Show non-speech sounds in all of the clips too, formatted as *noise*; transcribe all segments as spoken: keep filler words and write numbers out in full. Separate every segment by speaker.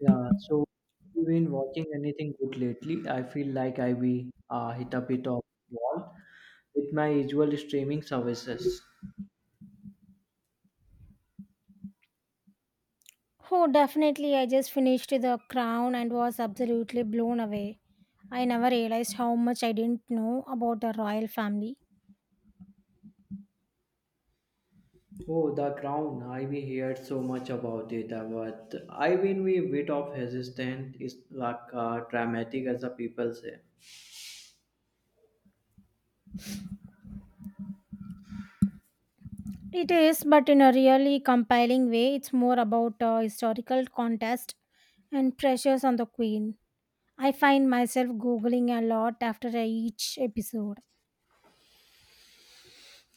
Speaker 1: Yeah, so have you been watching anything good lately? I feel like I be uh, hit a bit of wall with my usual streaming services.
Speaker 2: Oh, definitely. I just finished The Crown and was absolutely blown away. I never realized how much I didn't know about the royal family.
Speaker 1: Oh, The Crown! I we heard so much about it, uh, but I been we bit of hesitant. It's like uh, dramatic as the people say.
Speaker 2: It is, but in a really compelling way, it's more about a historical contest and pressures on the queen. I find myself googling a lot after each episode.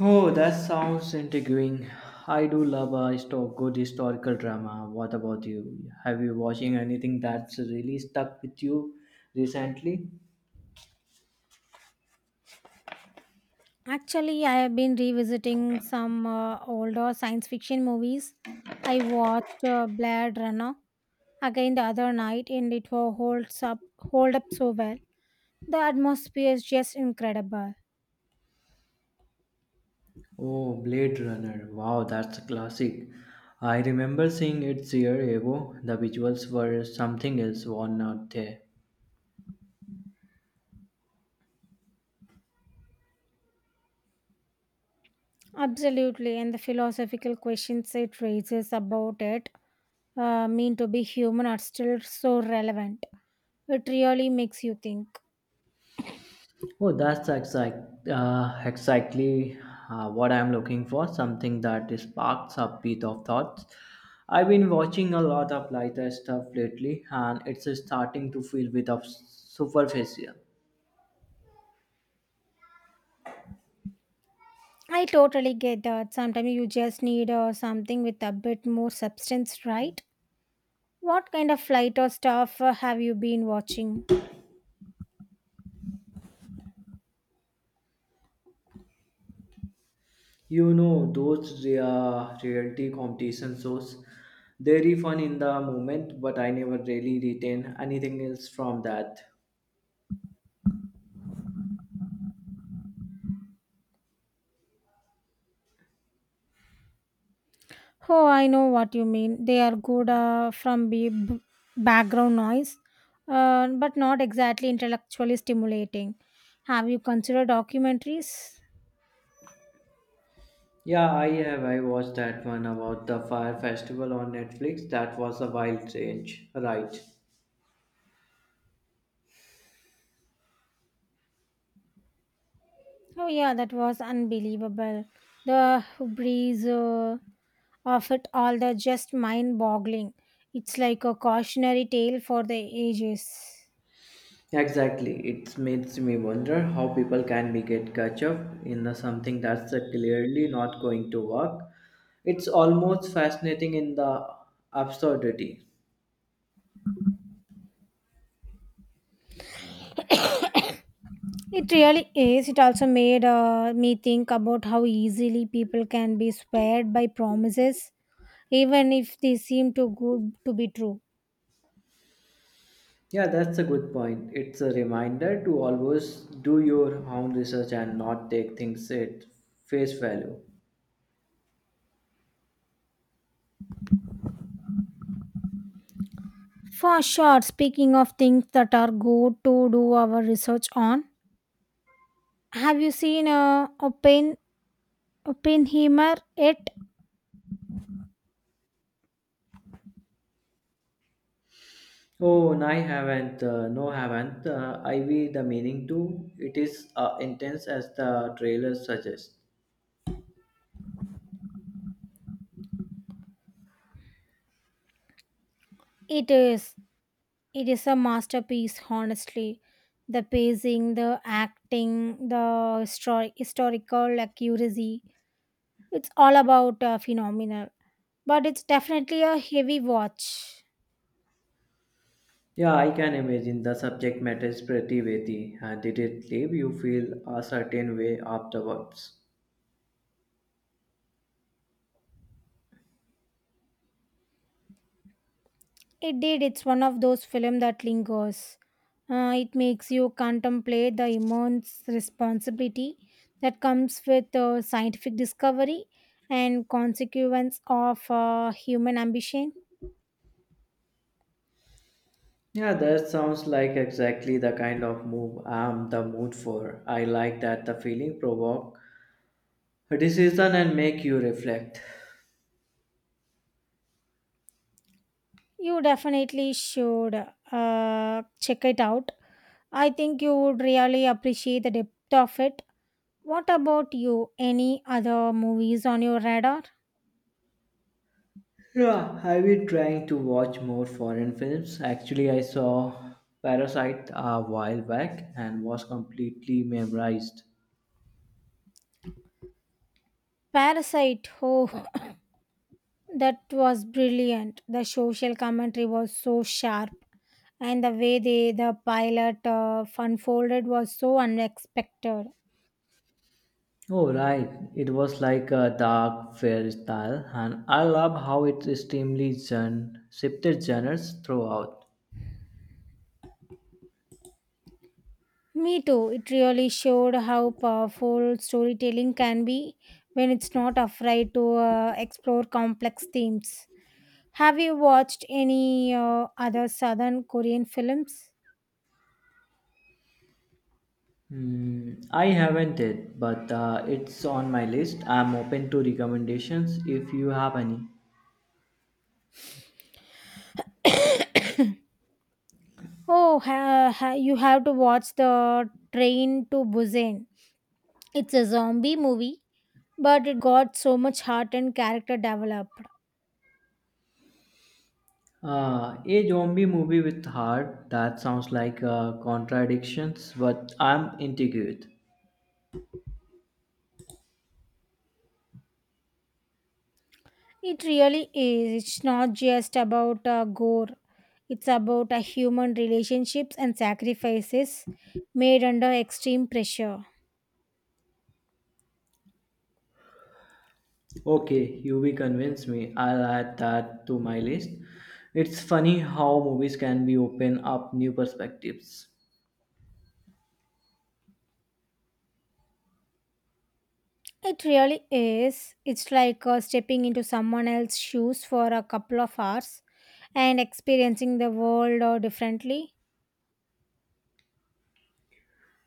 Speaker 1: Oh, that sounds intriguing. I do love a histo- good historical drama. What about you? Have you watching anything that's really stuck with you recently?
Speaker 2: Actually, I have been revisiting some uh, older science fiction movies. I watched uh, Blade Runner again the other night and it wa- holds up hold up so well. The atmosphere is just incredible.
Speaker 1: Oh, Blade Runner. Wow, that's a classic. I remember seeing it year ago. The visuals were something else, were not they?
Speaker 2: Absolutely, and the philosophical questions it raises about it uh, mean to be human are still so relevant. It really makes you think.
Speaker 1: Oh, that's exact, uh, exactly uh, what I'm looking for. Something that sparks a bit of thoughts. I've been watching a lot of lighter stuff lately, and it's starting to feel a bit of superficial.
Speaker 2: I totally get that. Sometimes you just need uh, something with a bit more substance, right? What kind of flight or stuff uh, have you been watching?
Speaker 1: You know, those rea- reality competition shows, they're fun in the moment, but I never really retain anything else from that.
Speaker 2: Oh, I know what you mean. They are good uh, from be- b- background noise, uh, but not exactly intellectually stimulating. Have you considered documentaries?
Speaker 1: Yeah, I have. I watched that one about the fire festival on Netflix. That was a wild change, right?
Speaker 2: Oh, yeah, that was unbelievable. The breeze uh, of it all, the just mind boggling. It's like a cautionary tale for the ages.
Speaker 1: Exactly. It makes me wonder how people can be get catch up in the something that's uh, clearly not going to work. It's almost fascinating in the absurdity.
Speaker 2: It really is. It also made uh, me think about how easily people can be swayed by promises even if they seem too good to be true.
Speaker 1: Yeah, that's a good point. It's a reminder to always do your own research and not take things at face value.
Speaker 2: For sure, speaking of things that are good to do our research on, have you seen uh, Oppen- Oppenheimer yet?
Speaker 1: Oh, no, I haven't. Uh, no, haven't. Uh, I be the meaning too. It is uh, intense as the trailer suggests.
Speaker 2: It is. It is a masterpiece, honestly. The pacing, the acting, the histori- historical accuracy. It's all about uh, phenomenal. But it's definitely a heavy watch.
Speaker 1: Yeah, I can imagine the subject matter is pretty weighty, and did it leave you feel a certain way afterwards?
Speaker 2: It did. It's one of those films that lingers. Uh, it makes you contemplate the immense responsibility that comes with uh, scientific discovery and consequence of uh, human ambition.
Speaker 1: Yeah, that sounds like exactly the kind of move I'm the mood for. I like that the feeling provoke a decision and make you reflect.
Speaker 2: You definitely should uh, check it out. I think you would really appreciate the depth of it. What about you? Any other movies on your radar?
Speaker 1: Yeah, I've been trying to watch more foreign films. Actually, I saw Parasite a while back and was completely mesmerized.
Speaker 2: Parasite. Oh, that was brilliant. The social commentary was so sharp, and the way they, the pilot uh, unfolded was so unexpected.
Speaker 1: Oh, right. It was like a dark fairy tale, and I love how it extremely gen- shifted genres throughout.
Speaker 2: Me too. It really showed how powerful storytelling can be when it's not afraid to uh, explore complex themes. Have you watched any uh, other Southern Korean films?
Speaker 1: Hmm, I haven't it, but uh, it's on my list. I'm open to recommendations if you have any.
Speaker 2: *coughs* Oh, ha, ha, you have to watch the Train to Busan. It's a zombie movie but it got so much heart and character developed.
Speaker 1: Uh, a zombie movie with heart that sounds like uh, contradictions, but I'm intrigued.
Speaker 2: It really is. It's not just about uh, gore, it's about uh, human relationships and sacrifices made under extreme pressure.
Speaker 1: Okay, you will convince me. I'll add that to my list. It's funny how movies can be open up new perspectives.
Speaker 2: It really is. It's like uh, stepping into someone else's shoes for a couple of hours and experiencing the world uh, differently.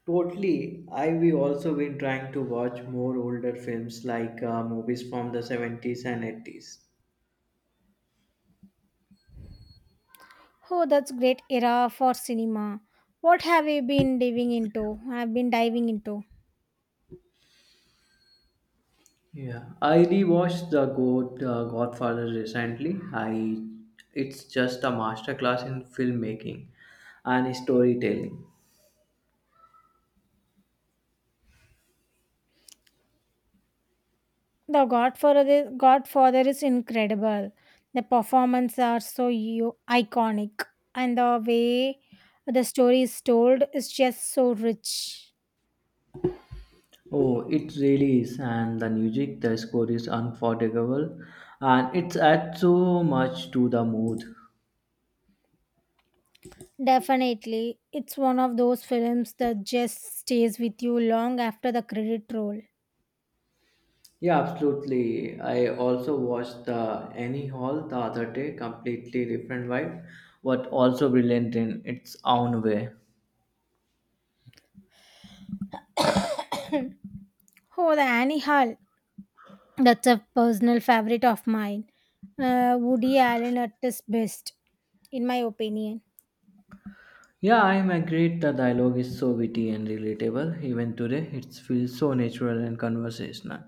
Speaker 1: Totally. I we also been trying to watch more older films like uh, movies from the seventies and eighties.
Speaker 2: Oh, that's great era for cinema. What have you been diving into? I've been diving into.
Speaker 1: Yeah, I rewatched the God uh, Godfather recently. I it's just a masterclass in filmmaking and storytelling.
Speaker 2: The Godfather, Godfather is incredible. The performances are so u- iconic, and the way the story is told is just so rich.
Speaker 1: Oh, it really is, and the music, the score is unforgettable, and it adds so much to the mood.
Speaker 2: Definitely, it's one of those films that just stays with you long after the credit roll.
Speaker 1: Yeah, absolutely. I also watched the Annie Hall the other day, completely different vibe, but also brilliant in its own way.
Speaker 2: Oh, the Annie Hall. That's a personal favorite of mine. Uh, Woody Allen at his best, in my opinion.
Speaker 1: Yeah, I'm agreed. The dialogue is so witty and relatable. Even today, it feels so natural and conversational.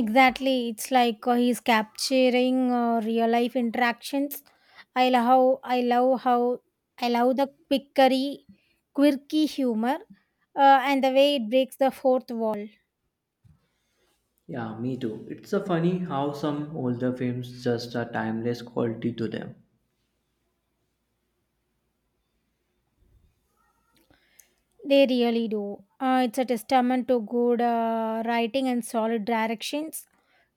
Speaker 2: Exactly. It's like uh, he's capturing uh, real life interactions. I love how I love how I love the quickery, quirky humor, uh, and the way it breaks the fourth wall.
Speaker 1: Yeah, me too. It's so funny how some older films just a timeless quality to them.
Speaker 2: They really do. Uh, it's a testament to good uh, writing and solid directions.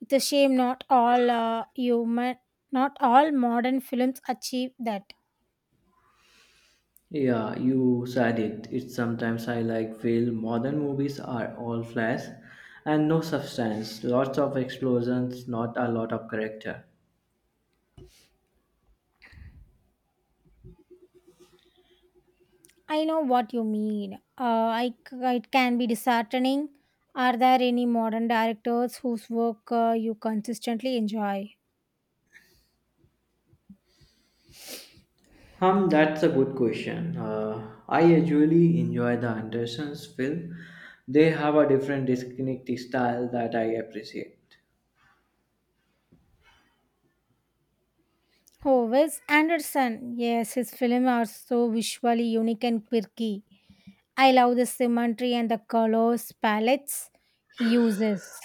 Speaker 2: It's a shame not all uh, human, not all modern films achieve that.
Speaker 1: Yeah, you said it. It's sometimes I like feel modern movies are all flash and no substance. Lots of explosions, not a lot of character.
Speaker 2: I know what you mean. Uh, I c- it can be disheartening. Are there any modern directors whose work uh, you consistently enjoy?
Speaker 1: Um, that's a good question. Uh, I usually enjoy the Andersons' film. They have a different distinct style that I appreciate.
Speaker 2: Oh, Wes Anderson. Yes, his films are so visually unique and quirky. I love the symmetry and the colors palettes he uses.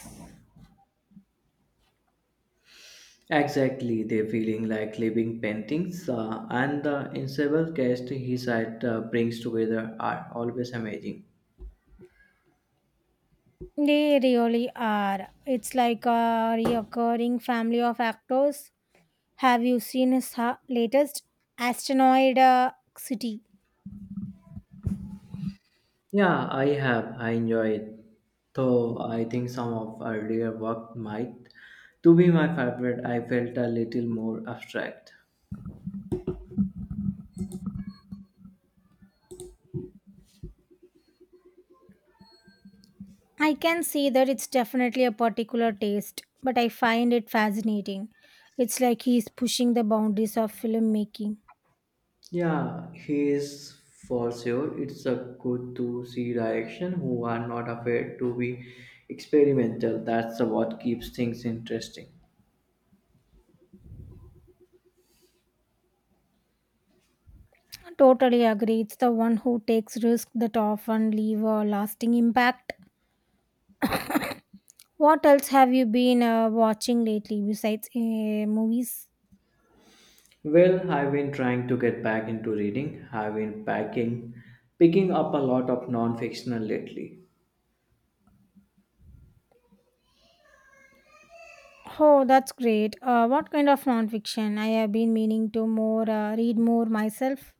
Speaker 1: Exactly, they're feeling like living paintings, uh, and the ensemble cast he side uh, brings together are always amazing.
Speaker 2: They really are. It's like a reoccurring family of actors. Have you seen his ha- latest Asteroid uh, City?
Speaker 1: Yeah, I have. I enjoy it. Though I think some of earlier work might to be my favorite. I felt a little more abstract.
Speaker 2: I can see that. It's definitely a particular taste, but I find it fascinating. It's like he's pushing the boundaries of filmmaking.
Speaker 1: Yeah, he is for sure. It's a good to see direction who are not afraid to be experimental. That's the what keeps things interesting.
Speaker 2: I totally agree. It's the one who takes risks that often leave a lasting impact. What else have you been uh, watching lately besides uh, movies?
Speaker 1: Well, I've been trying to get back into reading. I've been packing, picking up a lot of non-fictional lately.
Speaker 2: Oh, that's great. Uh, what kind of nonfiction? I have been meaning to more uh, read more myself.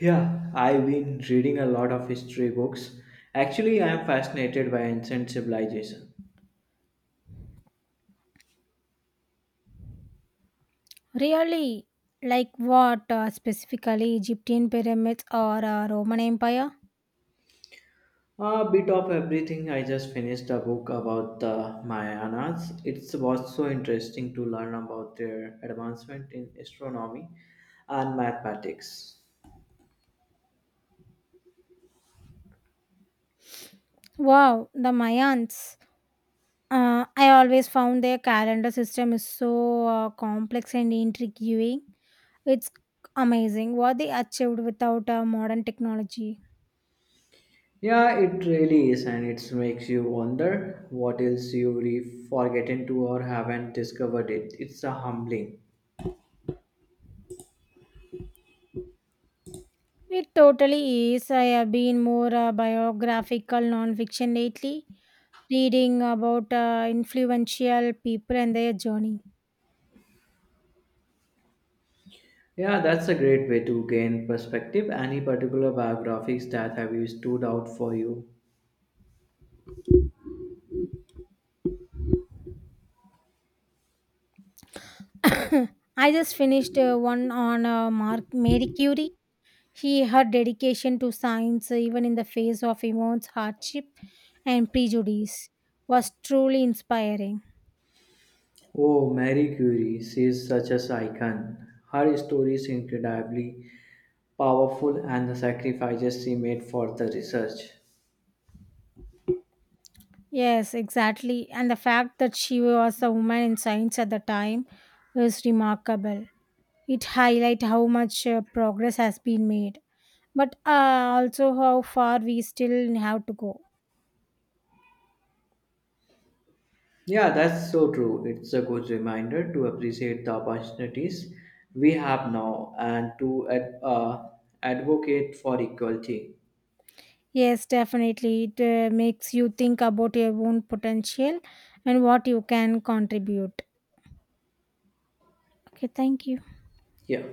Speaker 1: Yeah, I've been reading a lot of history books. Actually, I am fascinated by ancient civilization.
Speaker 2: Really, like what uh, specifically, Egyptian pyramids or uh, Roman Empire?
Speaker 1: A bit of everything. I just finished a book about the Mayanas. It was so interesting to learn about their advancement in astronomy and mathematics.
Speaker 2: Wow, the Mayans. Uh, I always found their calendar system is so uh, complex and intriguing. It's amazing what they achieved without uh, modern technology.
Speaker 1: Yeah, it really is, and it makes you wonder what else you've forgotten to or haven't discovered it. It's a humbling.
Speaker 2: It totally is. I have been more uh, biographical nonfiction lately, reading about uh, influential people and their journey.
Speaker 1: Yeah, that's a great way to gain perspective. Any particular biographies that have you stood out for you?
Speaker 2: *coughs* I just finished uh, one on uh, Mark Mary Curie. He, her dedication to science, even in the face of immense hardship and prejudice, was truly inspiring.
Speaker 1: Oh, Marie Curie, she is such an icon. Her story is incredibly powerful and the sacrifices she made for the research.
Speaker 2: Yes, exactly. And the fact that she was a woman in science at the time is remarkable. It highlights how much uh, progress has been made, but uh, also how far we still have to go.
Speaker 1: Yeah, that's so true. It's a good reminder to appreciate the opportunities we have now and to ad- uh, advocate for equality.
Speaker 2: Yes, definitely. It uh, makes you think about your own potential and what you can contribute. Okay, thank you.
Speaker 1: Yeah.